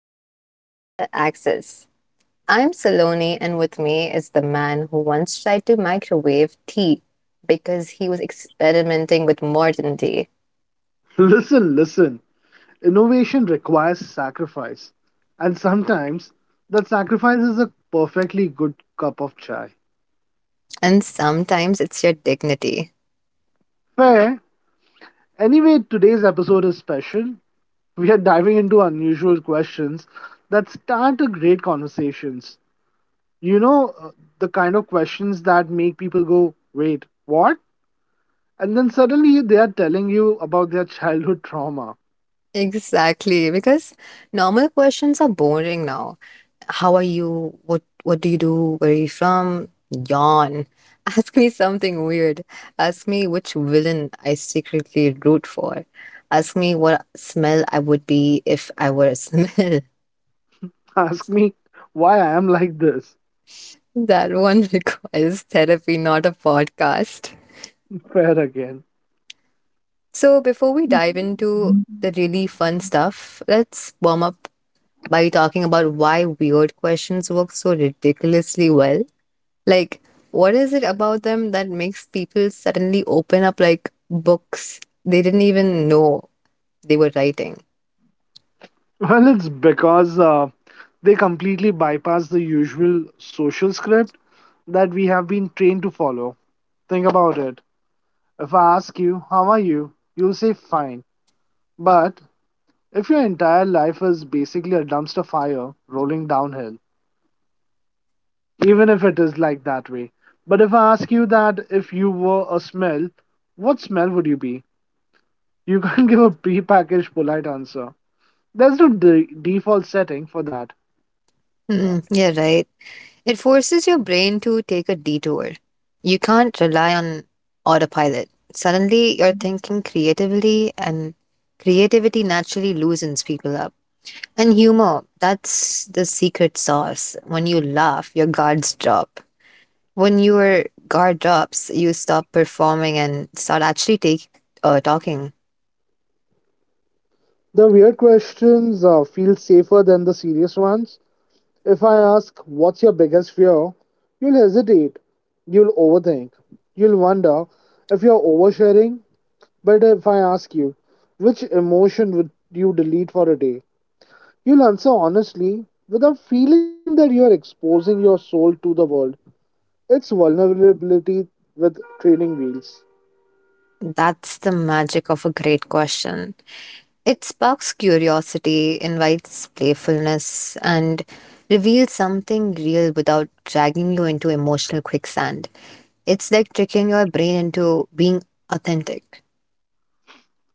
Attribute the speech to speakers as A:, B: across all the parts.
A: with Internet Access. I'm Saloni, and with me is the man who once tried to microwave tea because he was experimenting with modern tea.
B: Listen, listen. Innovation requires sacrifice. And sometimes that sacrifice is a perfectly good cup of chai.
A: And sometimes it's your dignity.
B: Fair. Anyway, today's episode is special. We are diving into unusual questions that start a great conversations. You know, uh, the kind of questions that make people go, wait, what? And then suddenly they are telling you about their childhood trauma.
A: Exactly, because normal questions are boring now. How are you? What do you do? Where are you from? Yawn. Ask me something weird. Ask me which villain I secretly root for. Ask me what smell I would be if I were a smell.
B: Ask me why I am like this.
A: That one requires therapy, not a podcast.
B: Fair again.
A: So before we dive into the really fun stuff, let's warm up by talking about why weird questions work so ridiculously well. Like, what is it about them that makes people suddenly open up like books they didn't even know they were writing?
B: Well, it's because they completely bypass the usual social script that we have been trained to follow. Think about it. If I ask you, how are you? You'll say fine. But if your entire life is basically a dumpster fire rolling downhill, even if it is like that way. But if I ask you that if you were a smell, what smell would you be? You can't give a prepackaged polite answer. There's no default setting for that.
A: Mm, yeah, right. It forces your brain to take a detour. You can't rely on autopilot. Suddenly, you're thinking creatively, and creativity naturally loosens people up. And humor, that's the secret sauce. When you laugh, your guards drop. When your guard drops, you stop performing and start actually talking.
B: The weird questions feel safer than the serious ones. If I ask, what's your biggest fear? You'll hesitate. You'll overthink. You'll wonder if you're oversharing. But if I ask you, which emotion would you delete for a day? You'll answer honestly without feeling that you're exposing your soul to the world. It's vulnerability with training wheels.
A: That's the magic of a great question. It sparks curiosity, invites playfulness, and reveals something real without dragging you into emotional quicksand. It's like tricking your brain into being authentic.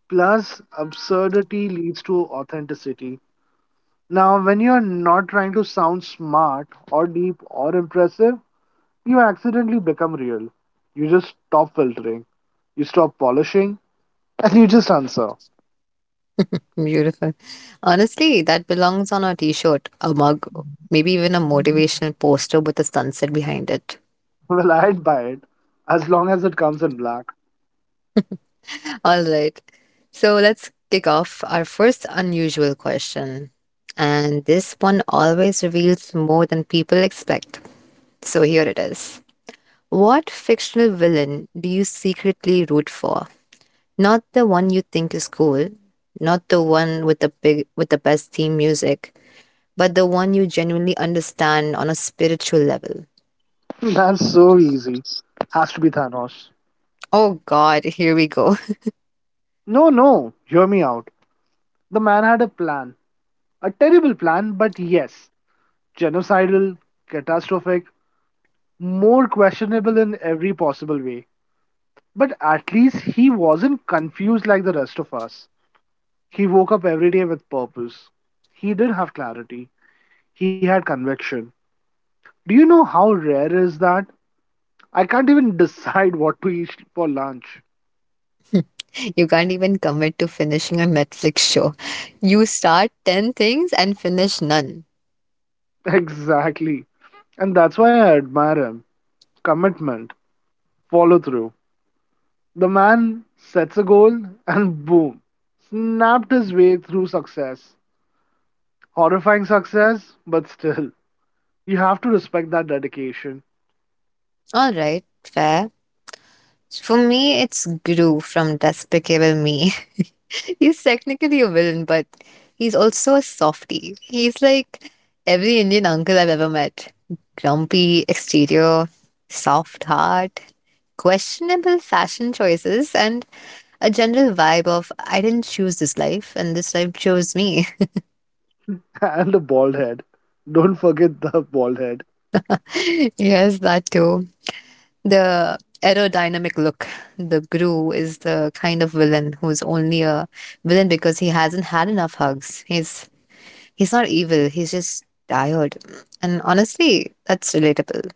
B: Plus, absurdity leads to authenticity. Now, when you're not trying to sound smart or deep or impressive, you accidentally become real. You just stop filtering, you stop polishing, and you just answer.
A: Beautiful. Honestly, that belongs on a t shirt, a mug, maybe even a motivational poster with a sunset behind it.
B: Well, I'd buy it as long as it comes in black.
A: All right. So let's kick off our first unusual question. And this one always reveals more than people expect. So here it is. What fictional villain do you secretly root for? Not the one you think is cool, not the one with the big with the best theme music, but the one you genuinely understand on a spiritual level.
B: That's so easy. Has to be Thanos.
A: Oh god, here we go.
B: No, no, hear me out. The man had a plan. A terrible plan, but yes, genocidal, catastrophic, more questionable in every possible way. But at least he wasn't confused like the rest of us. He woke up every day with purpose. He did have clarity. He had conviction. Do you know how rare is that? I can't even decide what to eat for lunch.
A: You can't even commit to finishing a Netflix show. You start 10 things and finish none.
B: Exactly. And that's why I admire him. Commitment, follow through. The man sets a goal and boom, snapped his way through success. Horrifying success, but still, you have to respect that dedication.
A: Alright, fair. For me, it's Gru from Despicable Me. He's technically a villain, but he's also a softie. He's like every Indian uncle I've ever met, grumpy exterior, soft heart, questionable fashion choices, and a general vibe of I didn't choose this life and this life chose me.
B: And a bald head. Don't forget the bald head.
A: Yes, that too. The aerodynamic look, the Gru is the kind of villain who's only a villain because he hasn't had enough hugs. He's not evil, he's just tired. And honestly, that's relatable.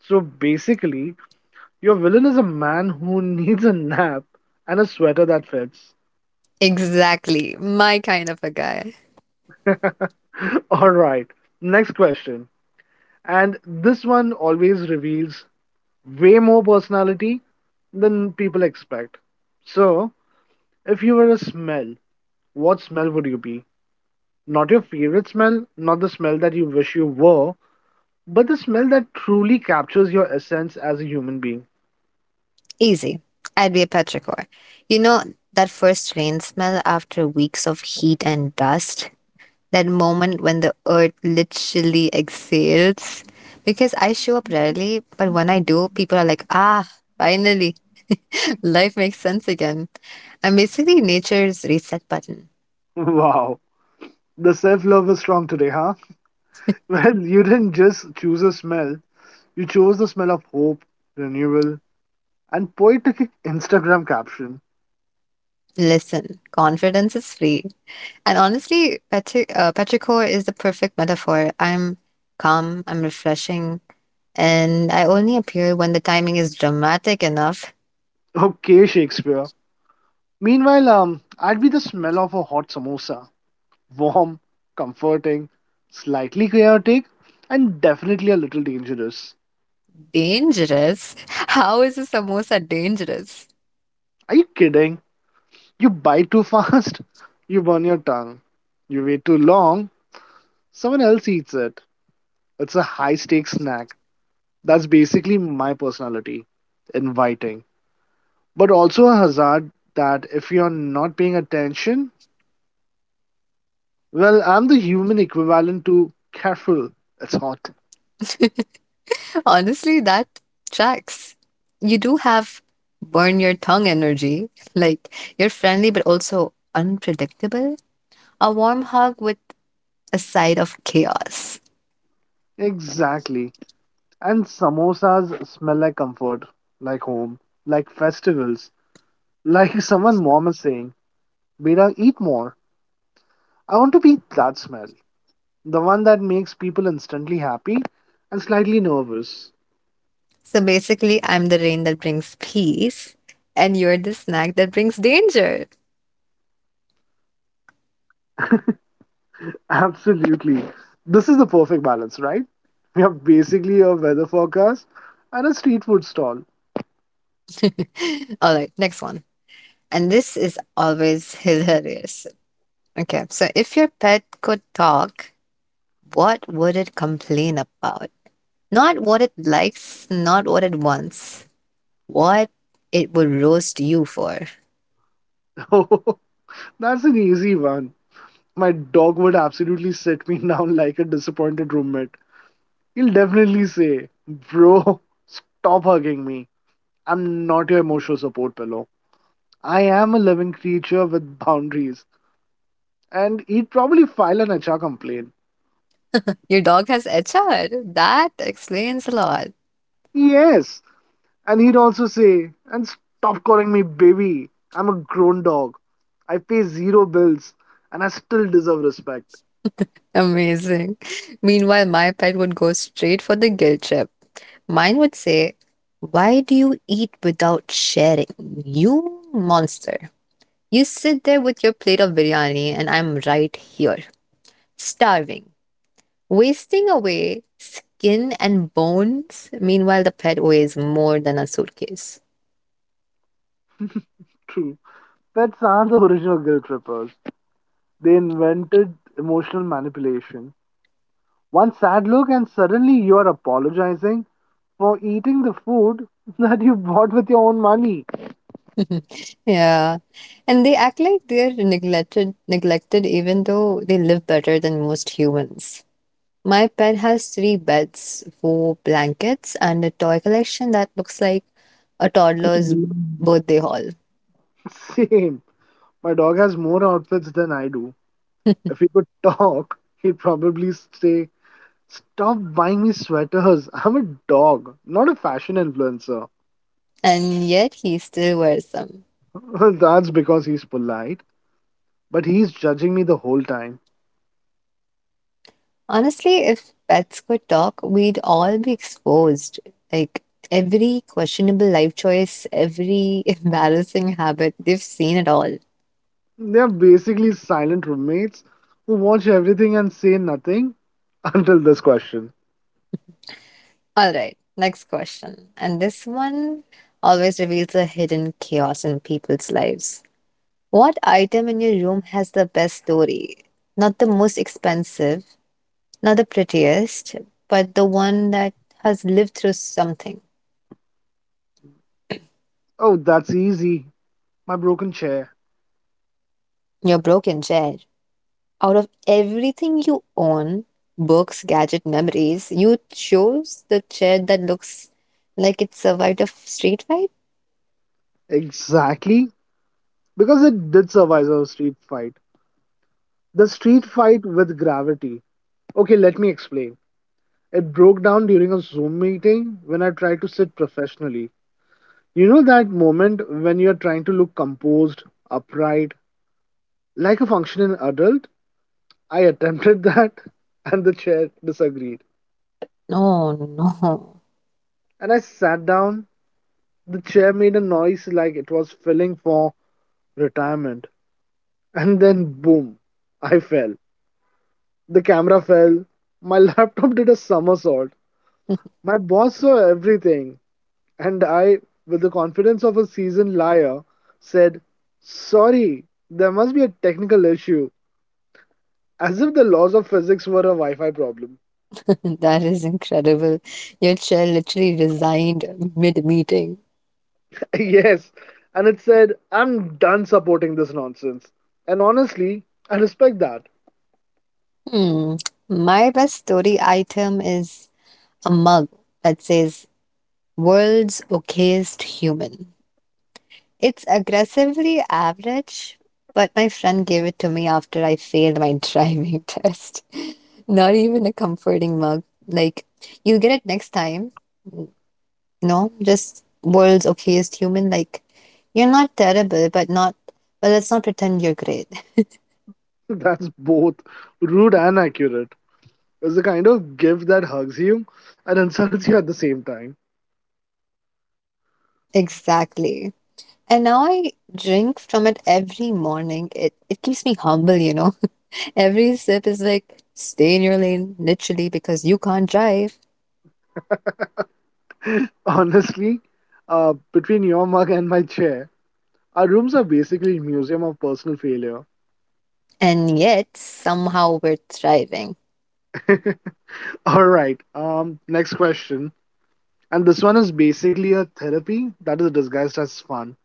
B: So basically, your villain is a man who needs a nap and a sweater that fits.
A: Exactly. My kind of a guy.
B: Alright, next question. And this one always reveals way more personality than people expect. So, if you were a smell, what smell would you be? Not your favorite smell, not the smell that you wish you were, but the smell that truly captures your essence as a human being.
A: Easy. I'd be a petrichor. You know that first rain smell after weeks of heat and dust? That moment when the earth literally exhales. Because I show up rarely, but when I do, people are like, ah, finally, life makes sense again. I'm basically nature's reset button.
B: Wow. The self love is strong today, huh? Well, you didn't just choose a smell, you chose the smell of hope, renewal, and poetic Instagram caption.
A: Listen, confidence is free. And honestly, Petrichor is the perfect metaphor. I'm calm, I'm refreshing, and I only appear when the timing is dramatic enough.
B: Okay, Shakespeare. Meanwhile, I'd be the smell of a hot samosa. Warm, comforting, slightly chaotic, and definitely a little dangerous.
A: Dangerous? How is a samosa dangerous?
B: Are you kidding? You bite too fast, you burn your tongue. You wait too long, someone else eats it. It's a high stakes snack. That's basically my personality, inviting, but also a hazard that if you're not paying attention, well, I'm the human equivalent to careful, it's hot.
A: Honestly, that tracks. You do have burn your tongue energy. Like, you're friendly but also unpredictable. A warm hug with a side of chaos.
B: Exactly. And samosas smell like comfort, like home, like festivals, like someone mom is saying, Beta, eat more. I want to be that smell, the one that makes people instantly happy and slightly nervous.
A: So basically, I'm the rain that brings peace, and you're the snack that brings danger.
B: Absolutely. This is the perfect balance, right? We have basically a weather forecast and a street food stall.
A: All right, next one. And this is always hilarious. Okay, so if your pet could talk, what would it complain about? Not what it likes, not what it wants, what it would roast you for.
B: That's an easy one. My dog would absolutely sit me down like a disappointed roommate. He'll definitely say, Bro, stop hugging me. I'm not your emotional support pillow. I am a living creature with boundaries. And he'd probably file an HR complaint.
A: Your dog has HR. That explains a lot.
B: Yes, and he'd also say, and stop calling me baby. I'm a grown dog. I pay zero bills and I still deserve respect.
A: Amazing. Meanwhile, my pet would go straight for the guilt trip. Mine would say, why do you eat without sharing? You monster. You sit there with your plate of biryani, and I'm right here, starving, wasting away skin and bones. Meanwhile, the pet weighs more than a suitcase.
B: True. Pets are the original guilt trippers. They invented emotional manipulation. One sad look, and suddenly you are apologizing for eating the food that you bought with your own money.
A: Yeah. And they act like they're neglected even though they live better than most humans. My pet has three beds, four blankets, and a toy collection that looks like a toddler's birthday haul.
B: Same. My dog has more outfits than I do. If he could talk, he'd probably say, stop buying me sweaters. I'm a dog, not a fashion influencer.
A: And yet he still wears them.
B: That's because he's polite, but he's judging me the whole time.
A: Honestly, if pets could talk, we'd all be exposed. Like every questionable life choice, every embarrassing habit, they've seen it all.
B: They're basically silent roommates who watch everything and say nothing until this question.
A: All right, next question. And this one always reveals a hidden chaos in people's lives. What item in your room has the best story? Not the most expensive, not the prettiest, but the one that has lived through something.
B: Oh, that's easy. My broken chair.
A: Your broken chair. Out of everything you own, books, gadget, memories, you chose the chair that looks like it survived a street fight?
B: Exactly. Because it did survive a street fight. The street fight with gravity. Okay, let me explain. It broke down during a Zoom meeting when I tried to sit professionally. You know that moment when you're trying to look composed, upright, like a functioning adult? I attempted that and the chair disagreed.
A: No, no.
B: And I sat down. The chair made a noise like it was filling for retirement. And then, boom, I fell. The camera fell. My laptop did a somersault. My boss saw everything. And I, with the confidence of a seasoned liar, said, sorry, there must be a technical issue. As if the laws of physics were a Wi Fi problem.
A: That is incredible. Your chair literally resigned mid-meeting.
B: Yes, and it said, I'm done supporting this nonsense. And honestly, I respect that.
A: Hmm. My best story item is a mug that says World's Okayest Human. It's aggressively average, but my friend gave it to me after I failed my driving test. Not even a comforting mug. Like, you'll get it next time. No, just World's Okayest Human. Like, you're not terrible, but not, well, let's not pretend you're great.
B: That's both rude and accurate. It's the kind of gift that hugs you and insults you at the same time.
A: Exactly. And now I drink from it every morning. It keeps me humble, you know. Every sip is like stay in your lane, literally, because you can't drive.
B: Honestly, between your mug and my chair, our rooms are basically a museum of personal failure.
A: And yet somehow we're thriving.
B: All right, next question. And this one is basically a therapy that is disguised as fun.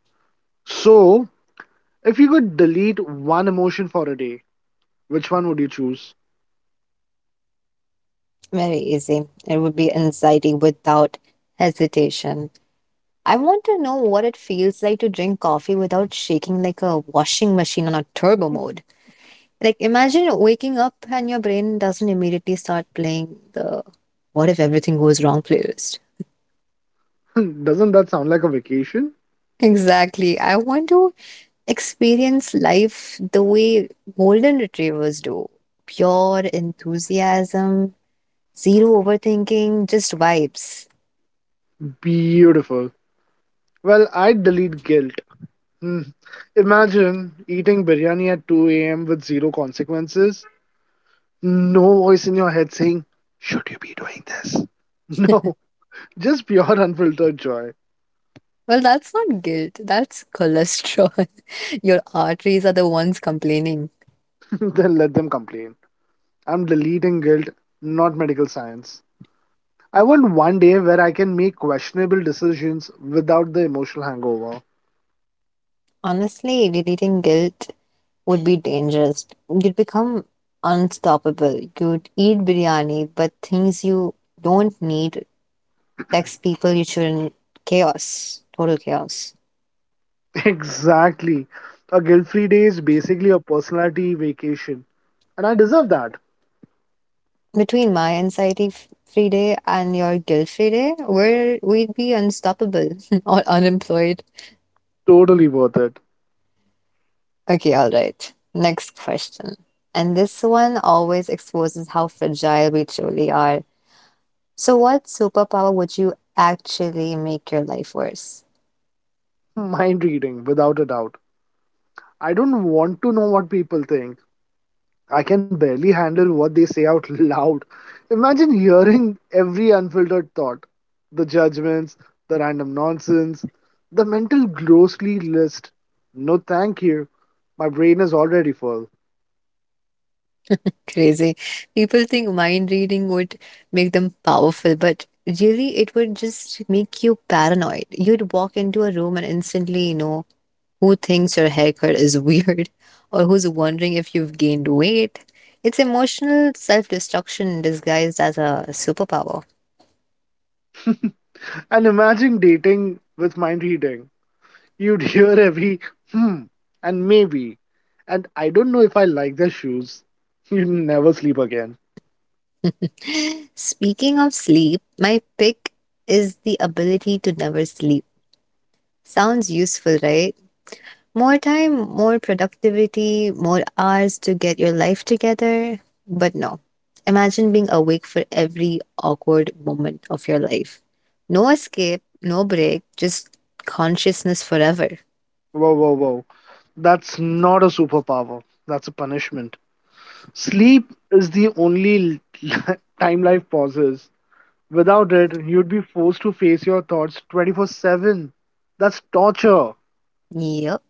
B: So, if you could delete one emotion for a day, which one would you choose?
A: Very easy. It would be anxiety without hesitation. I want to know what it feels like to drink coffee without shaking like a washing machine on a turbo mode. Like imagine waking up and your brain doesn't immediately start playing the what if everything goes wrong playlist.
B: Doesn't that sound like a vacation?
A: Exactly. I want to experience life the way golden retrievers do. Pure enthusiasm, zero overthinking, just vibes.
B: Beautiful. Well, I'd delete guilt. Hmm. Imagine eating biryani at 2 a.m. with zero consequences. No voice in your head saying, should you be doing this? No, just pure unfiltered joy.
A: Well, that's not guilt, that's cholesterol. Your arteries are the ones complaining.
B: Then let them complain. I'm deleting guilt, not medical science. I want one day where I can make questionable decisions without the emotional hangover.
A: Honestly, deleting guilt would be dangerous. You'd become unstoppable. You'd eat biryani, but things you don't need, text people you shouldn't, chaos, total chaos.
B: Exactly. A guilt free day is basically a personality vacation. And I deserve that.
A: Between my anxiety free day and your guilt free day, we'd be unstoppable or unemployed.
B: Totally worth it.
A: Okay, all right. Next question. And this one always exposes how fragile we truly are. So, what superpower would you actually make your life worse?
B: Mind reading, without a doubt. I don't want to know what people think. I can barely handle what they say out loud. Imagine hearing every unfiltered thought, the judgments, the random nonsense, the mental grossly list. No, thank you. My brain is already full.
A: Crazy. People think mind reading would make them powerful, but really, it would just make you paranoid. You'd walk into a room and instantly know who thinks your haircut is weird or who's wondering if you've gained weight. It's emotional self destruction disguised as a superpower.
B: And imagine dating with mind reading. You'd hear every hmm and maybe. And I don't know if I like their shoes. You'd never sleep again.
A: Speaking of sleep, my pick is the ability to never sleep. Sounds useful, right? More time, more productivity, more hours to get your life together. But no. Imagine being awake for every awkward moment of your life. No escape, no break, just consciousness forever.
B: Whoa, whoa, whoa. That's not a superpower. That's a punishment. Sleep is the only time life pauses. Without it, you'd be forced to face your thoughts 24/7. That's torture.
A: Yep.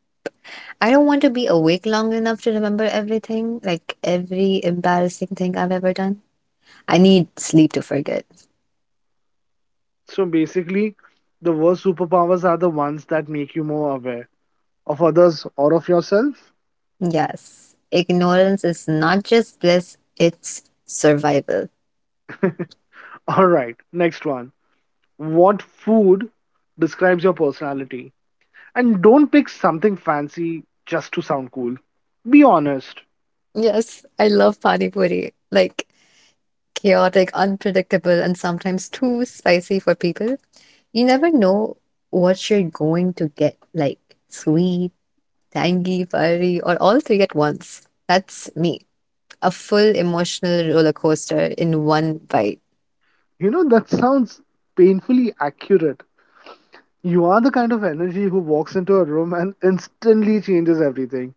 A: I don't want to be awake long enough to remember everything, like every embarrassing thing I've ever done. I need sleep to forget.
B: So basically, the worst superpowers are the ones that make you more aware of others or of yourself.
A: Yes, ignorance is not just bliss, it's survival.
B: Alright, next one. What food describes your personality. And don't pick something fancy just to sound cool. Be honest.
A: Yes, I love Pani Puri. Like chaotic, unpredictable, and sometimes too spicy for people. You never know what you're going to get, like sweet, tangy, fiery, or all three at once. That's me, a full emotional roller coaster in one bite.
B: You know, that sounds painfully accurate. You are the kind of energy who walks into a room and instantly changes everything.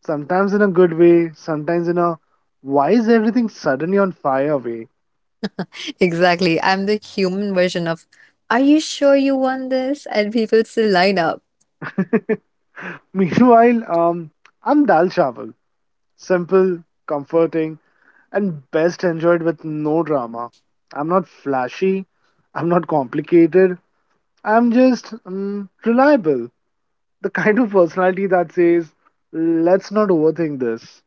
B: Sometimes in a good way, sometimes in a why is everything suddenly on fire way.
A: Exactly. I'm the human version of, are you sure you want this? And people still line up.
B: Meanwhile, I'm Dal Chawal. Simple, comforting, and best enjoyed with no drama. I'm not flashy. I'm not complicated. I'm just reliable. The kind of personality that says, let's not overthink this.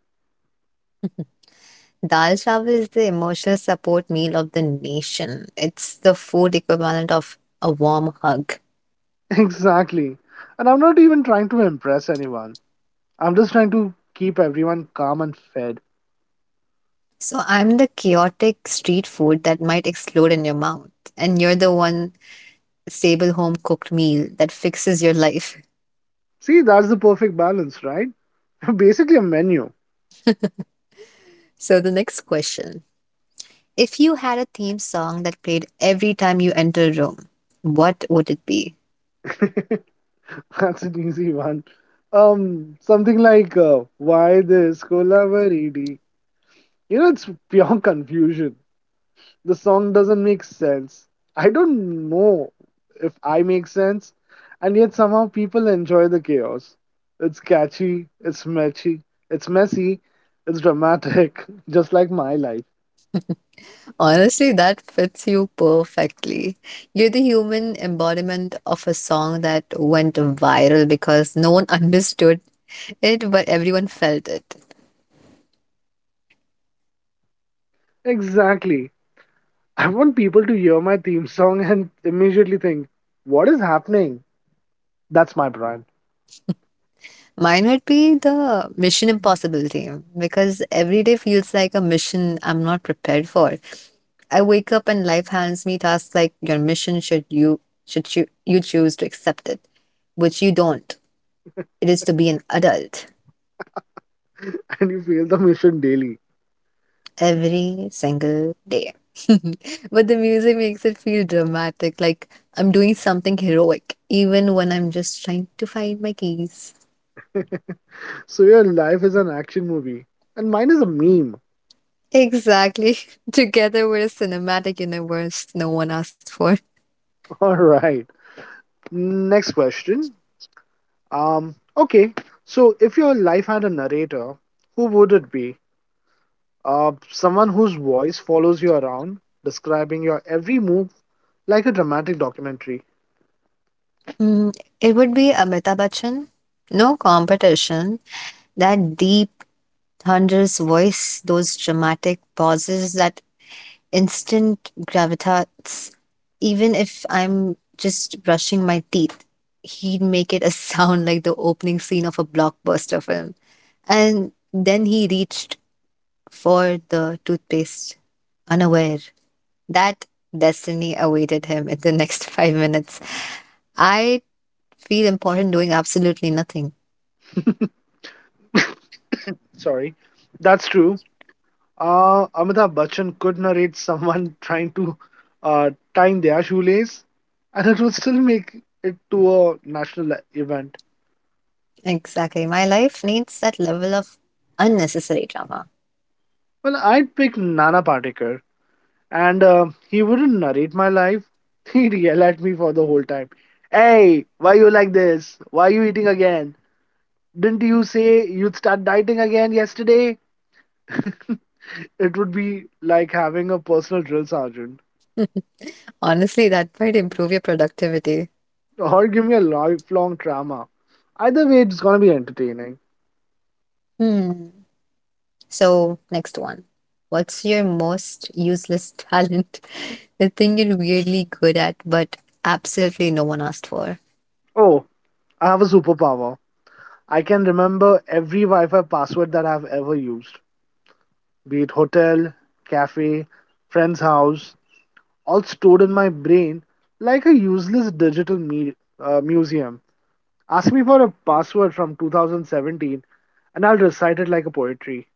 A: Dal chawal is the emotional support meal of the nation. It's the food equivalent of a warm hug.
B: Exactly. And I'm not even trying to impress anyone. I'm just trying to keep everyone calm and fed.
A: So I'm the chaotic street food that might explode in your mouth. And you're the one stable home cooked meal that fixes your life.
B: See, that's the perfect balance, right? Basically, a menu.
A: So the next question. If you had a theme song that played every time you enter a room, what would it be?
B: That's an easy one. Something like "Why this Colavaridi?" You know, it's pure confusion. The song doesn't make sense. I don't know if I make sense, and yet somehow people enjoy the chaos. It's catchy. It's messy. It's dramatic, just like my life.
A: Honestly, that fits you perfectly. You're the human embodiment of a song that went viral because no one understood it, but everyone felt it.
B: Exactly. I want people to hear my theme song and immediately think, "What is happening?" That's my brand.
A: Mine would be the Mission Impossible theme because every day feels like a mission I'm not prepared for. I wake up and life hands me tasks like your mission should you choose to accept it, which you don't. It is to be an adult
B: And you feel the mission daily.
A: every single day. But the music makes it feel dramatic, like I'm doing something heroic, even when I'm just trying to find my keys.
B: So your life is an action movie, and mine is a meme.
A: Exactly. Together we're a cinematic universe no one asked for.
B: All right. Next question. Okay. So if your life had a narrator, who would it be? Someone whose voice follows you around, describing your every move like a dramatic documentary.
A: Mm, it would be Amitabh Bachchan. No competition. That deep, thunderous voice, those dramatic pauses, that instant gravitas. Even if I'm just brushing my teeth, he'd make it a sound like the opening scene of a blockbuster film. And then he reached for the toothpaste, unaware that destiny awaited him in the next 5 minutes. I feel important doing absolutely nothing.
B: Sorry, that's true. Amitabh Bachchan could narrate someone trying to tying their shoelace, and it would still make it to a national event.
A: Exactly. My life needs that level of unnecessary drama.
B: Well, I'd pick Nana Patekar. And he wouldn't narrate my life. He'd yell at me for the whole time. Hey, why you like this? Why you eating again? Didn't you say you'd start dieting again yesterday? It would be like having a personal drill sergeant,
A: Honestly, that might improve your productivity.
B: or give me a lifelong trauma. Either way, it's gonna be entertaining.
A: Hmm. So, next one. What's your most useless talent? The thing you're weirdly good at, but absolutely no one asked for.
B: Oh, I have a superpower. I can remember every Wi Fi password that I've ever used, be it hotel, cafe, friend's house, all stored in my brain like a useless digital museum. Ask me for a password from 2017 and I'll recite it like a poetry.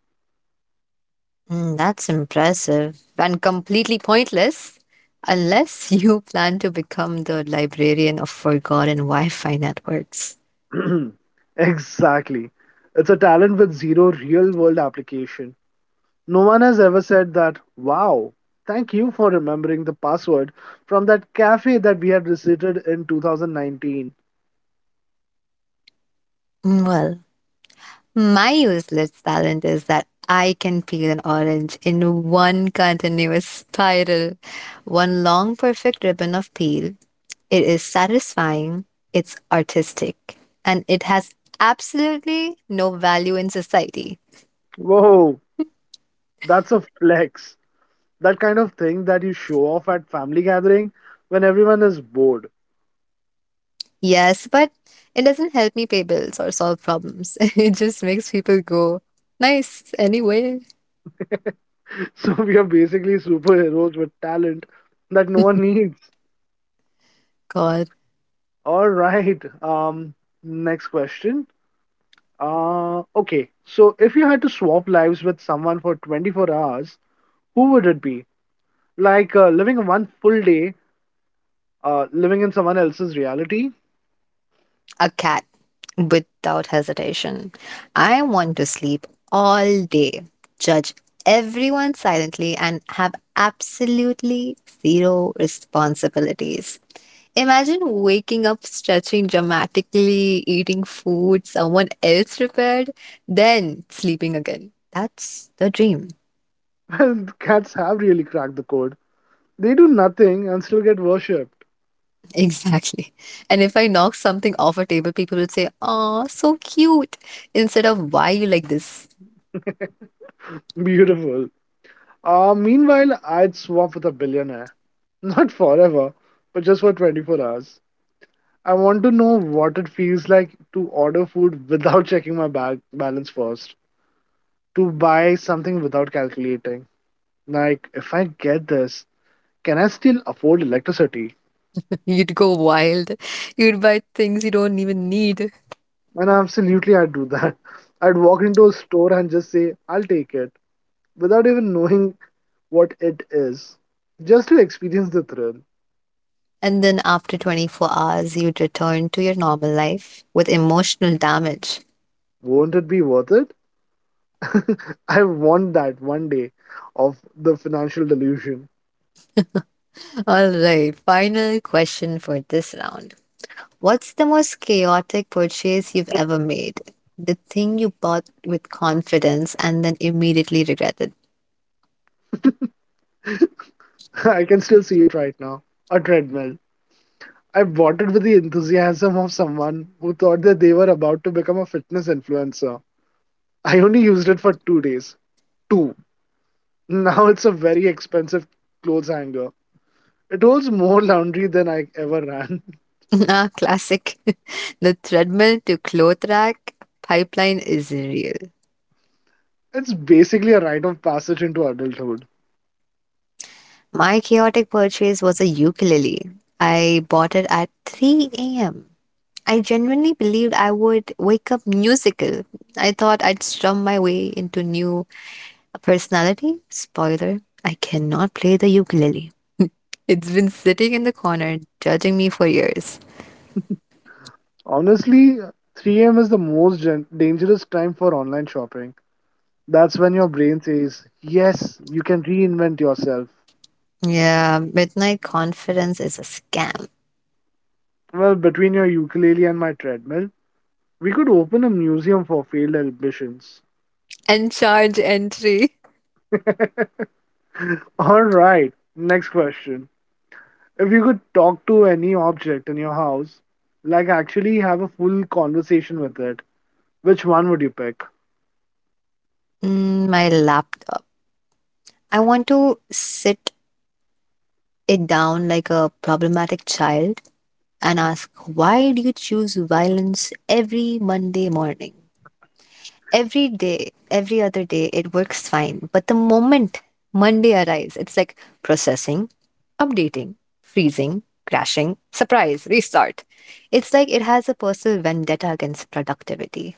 A: That's impressive and completely pointless unless you plan to become the librarian of forgotten Wi Fi networks.
B: Exactly. It's a talent with zero real world application. No one has ever said that, wow, thank you for remembering the password from that cafe that we had visited in 2019.
A: Well, my useless talent is that I can peel an orange in one continuous spiral, one long perfect ribbon of peel. It is satisfying, it's artistic, and it has absolutely no value in society.
B: Whoa, that's a flex. That kind of thing that you show off at family gathering when everyone is bored.
A: Yes, but it doesn't help me pay bills or solve problems. It just makes people go, nice, anyway.
B: So we are basically superheroes with talent that no one needs.
A: God.
B: All right. Next question. Okay. So if you had to swap lives with someone for 24 hours, who would it be? Like living one full day, living in someone else's reality?
A: A cat, without hesitation. I want to sleep all day, judge everyone silently, and have absolutely zero responsibilities. Imagine waking up, stretching dramatically, eating food someone else prepared, then sleeping again. That's the dream.
B: Well, cats have really cracked the code. They do nothing and still get worshipped.
A: Exactly. And if I knock something off a table, people would say, "Aw, so cute," instead of, "Why you like this?"
B: Beautiful. Meanwhile, I'd swap with a billionaire. Not forever, but just for 24 hours. I want to know what it feels like to order food without checking my bag balance first, to buy something without calculating. Like, if I get this, can I still afford electricity?
A: You'd go wild. You'd buy things you don't even need.
B: And absolutely, I'd do that. I'd walk into a store and just say, "I'll take it," without even knowing what it is, just to experience the thrill.
A: And then after 24 hours, you'd return to your normal life with emotional damage.
B: Won't it be worth it? I want that one day of the financial delusion.
A: All right, final question for this round. What's the most chaotic purchase you've ever made? The thing you bought with confidence and then immediately regretted.
B: I can still see it right now. A treadmill I bought it with the enthusiasm of someone who thought that they were about to become a fitness influencer. I only used it for two days. Two. Now it's a very expensive clothes hanger. It holds more laundry than I ever ran.
A: Nah, classic. The treadmill to cloth rack pipeline is real.
B: It's basically a rite of passage into adulthood.
A: My chaotic purchase was a ukulele. I bought it at 3 a.m. I genuinely believed I would wake up musical. I thought I'd strum my way into new personality. Spoiler, I cannot play the ukulele. It's been sitting in the corner, judging me for years.
B: Honestly, 3 a.m. is the most dangerous time for online shopping. That's when your brain says, "Yes, you can reinvent yourself."
A: Yeah, midnight confidence is a scam.
B: Well, between your ukulele and my treadmill, we could open a museum for failed ambitions.
A: And charge entry.
B: All right. Next question. If you could talk to any object in your house, like actually have a full conversation with it, which one would you pick?
A: Mm, my laptop. I want to sit it down like a problematic child and ask, why do you choose violence every Monday morning? Every day, every other day, it works fine. But the moment Monday arrives, it's like processing, updating, freezing, crashing, surprise, restart. It's like it has a personal vendetta against productivity.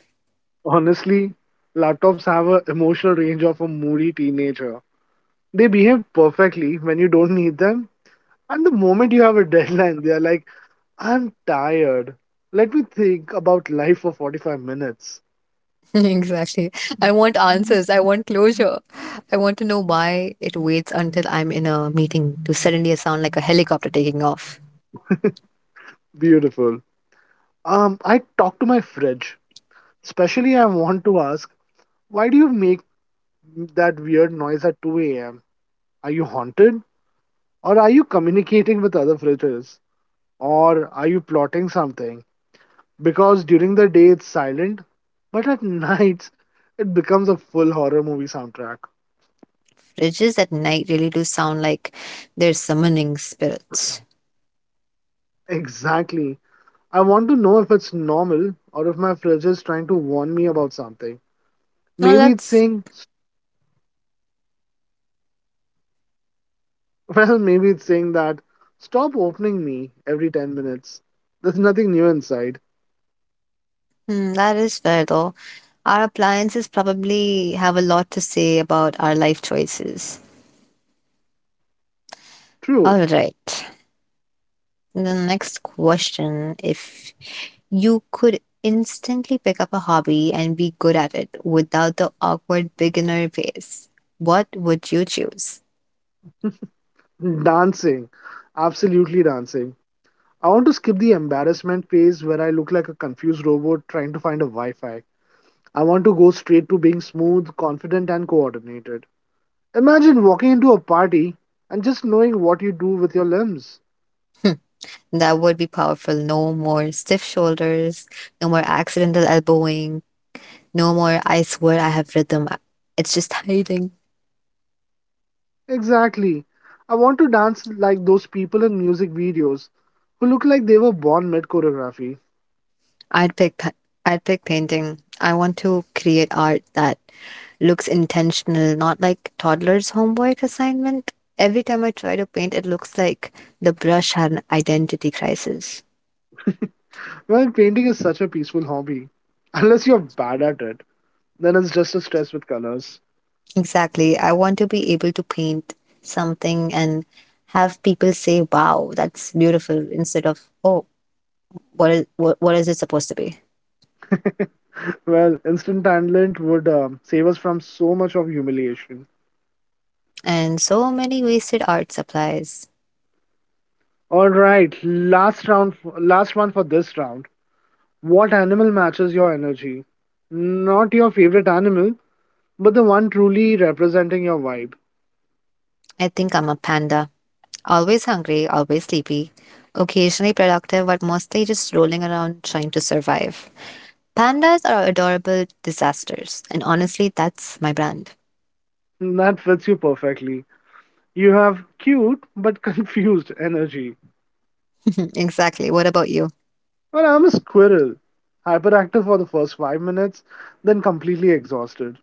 B: Honestly, laptops have an emotional range of a moody teenager. They behave perfectly when you don't need them. And the moment you have a deadline, they are like, "I'm tired. Let me think about life for 45 minutes."
A: Exactly. I want answers. I want closure. I want to know why it waits until I'm in a meeting to suddenly sound like a helicopter taking off.
B: Beautiful. I talk to my fridge. Especially, I want to ask, why do you make that weird noise at 2 a.m.? Are you haunted? Or are you communicating with other fridges? Or are you plotting something? Because during the day it's silent, but at nights it becomes a full horror movie soundtrack.
A: Fridges at night really do sound like they're summoning spirits.
B: Exactly. I want to know if it's normal or if my fridge is trying to warn me about something.
A: Now
B: Maybe it's
A: that's—
B: saying, well, maybe it's saying that stop opening me every 10 minutes. There's nothing new inside.
A: Hmm, that is fair though. Our appliances probably have a lot to say about our life choices.
B: True.
A: All right. The next question, if you could instantly pick up a hobby and be good at it without the awkward beginner phase, what would you choose?
B: Dancing. Absolutely dancing. I want to skip the embarrassment phase where I look like a confused robot trying to find a Wi Fi. I want to go straight to being smooth, confident, and coordinated. Imagine walking into a party and just knowing what you do with your limbs.
A: That would be powerful. No more stiff shoulders, no more accidental elbowing, no more I swear I have rhythm. It's just hiding.
B: Exactly. I want to dance like those people in music videos who look like they were born mid choreography.
A: I'd pick pa- I'd pick painting. I want to create art that looks intentional, not like toddler's homework assignment. Every time I try to paint, it looks like the brush had an identity crisis.
B: Well, painting is such a peaceful hobby. Unless you're bad at it, then it's just a stress with colors.
A: Exactly. I want to be able to paint something and have people say, "Wow, that's beautiful," instead of, "Oh, what is it supposed to be?"
B: Well, instant talent would save us from so much of humiliation.
A: And so many wasted art supplies.
B: All right, last round, last one for this round. What animal matches your energy? Not your favorite animal, but the one truly representing your vibe.
A: I think I'm a panda. Always hungry, always sleepy, occasionally productive, but mostly just rolling around trying to survive. Pandas are adorable disasters, and honestly, that's my brand.
B: That fits you perfectly. You have cute but confused energy.
A: Exactly. What about you?
B: Well, I'm a squirrel. Hyperactive for the first five minutes, then completely exhausted.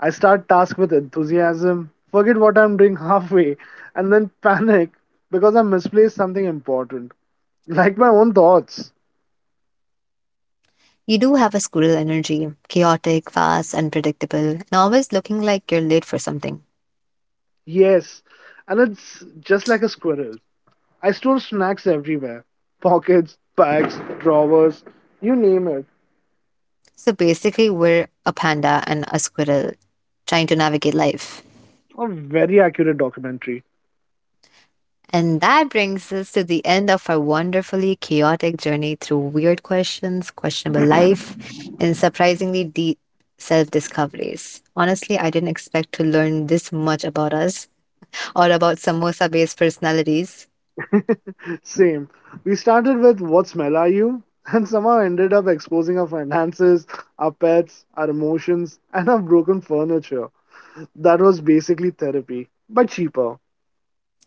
B: I start task with enthusiasm, forget what I'm doing halfway, and then panic because I misplaced something important, like my own thoughts.
A: You do have a squirrel energy, chaotic, fast, unpredictable, and always looking like you're late for something.
B: Yes, and it's just like a squirrel. I store snacks everywhere pockets, bags, drawers, you name it.
A: So basically, we're a panda and a squirrel trying to navigate life.
B: A very accurate documentary.
A: And that brings us to the end of our wonderfully chaotic journey through weird questions, questionable life, and surprisingly deep self discoveries. Honestly, I didn't expect to learn this much about us or about samosa based personalities.
B: Same. We started with "What Smell Are You?" and somehow ended up exposing our finances, our pets, our emotions, and our broken furniture. That was basically therapy, but cheaper.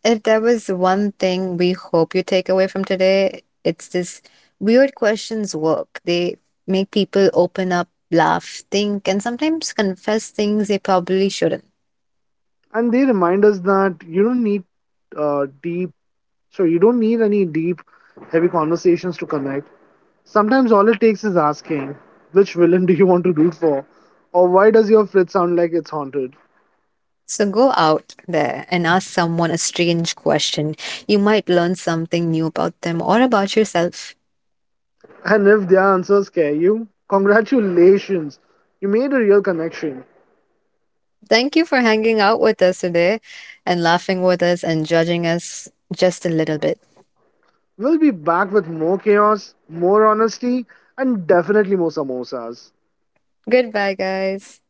A: If there was one thing we hope you take away from today, it's this: weird questions work. They make people open up, laugh, think, and sometimes confess things they probably shouldn't.
B: And they remind us that you don't need deep so you don't need any deep heavy conversations to connect. Sometimes all it takes is asking which villain do you want to root for, or why does your fridge sound like it's haunted.
A: So go out there and ask someone a strange question. You might learn something new about them or about yourself.
B: And if their answers scare you, congratulations, you made a real connection.
A: Thank you for hanging out with us today and laughing with us and judging us just a little bit.
B: We'll be back with more chaos, more honesty, and definitely more samosas.
A: Goodbye, guys.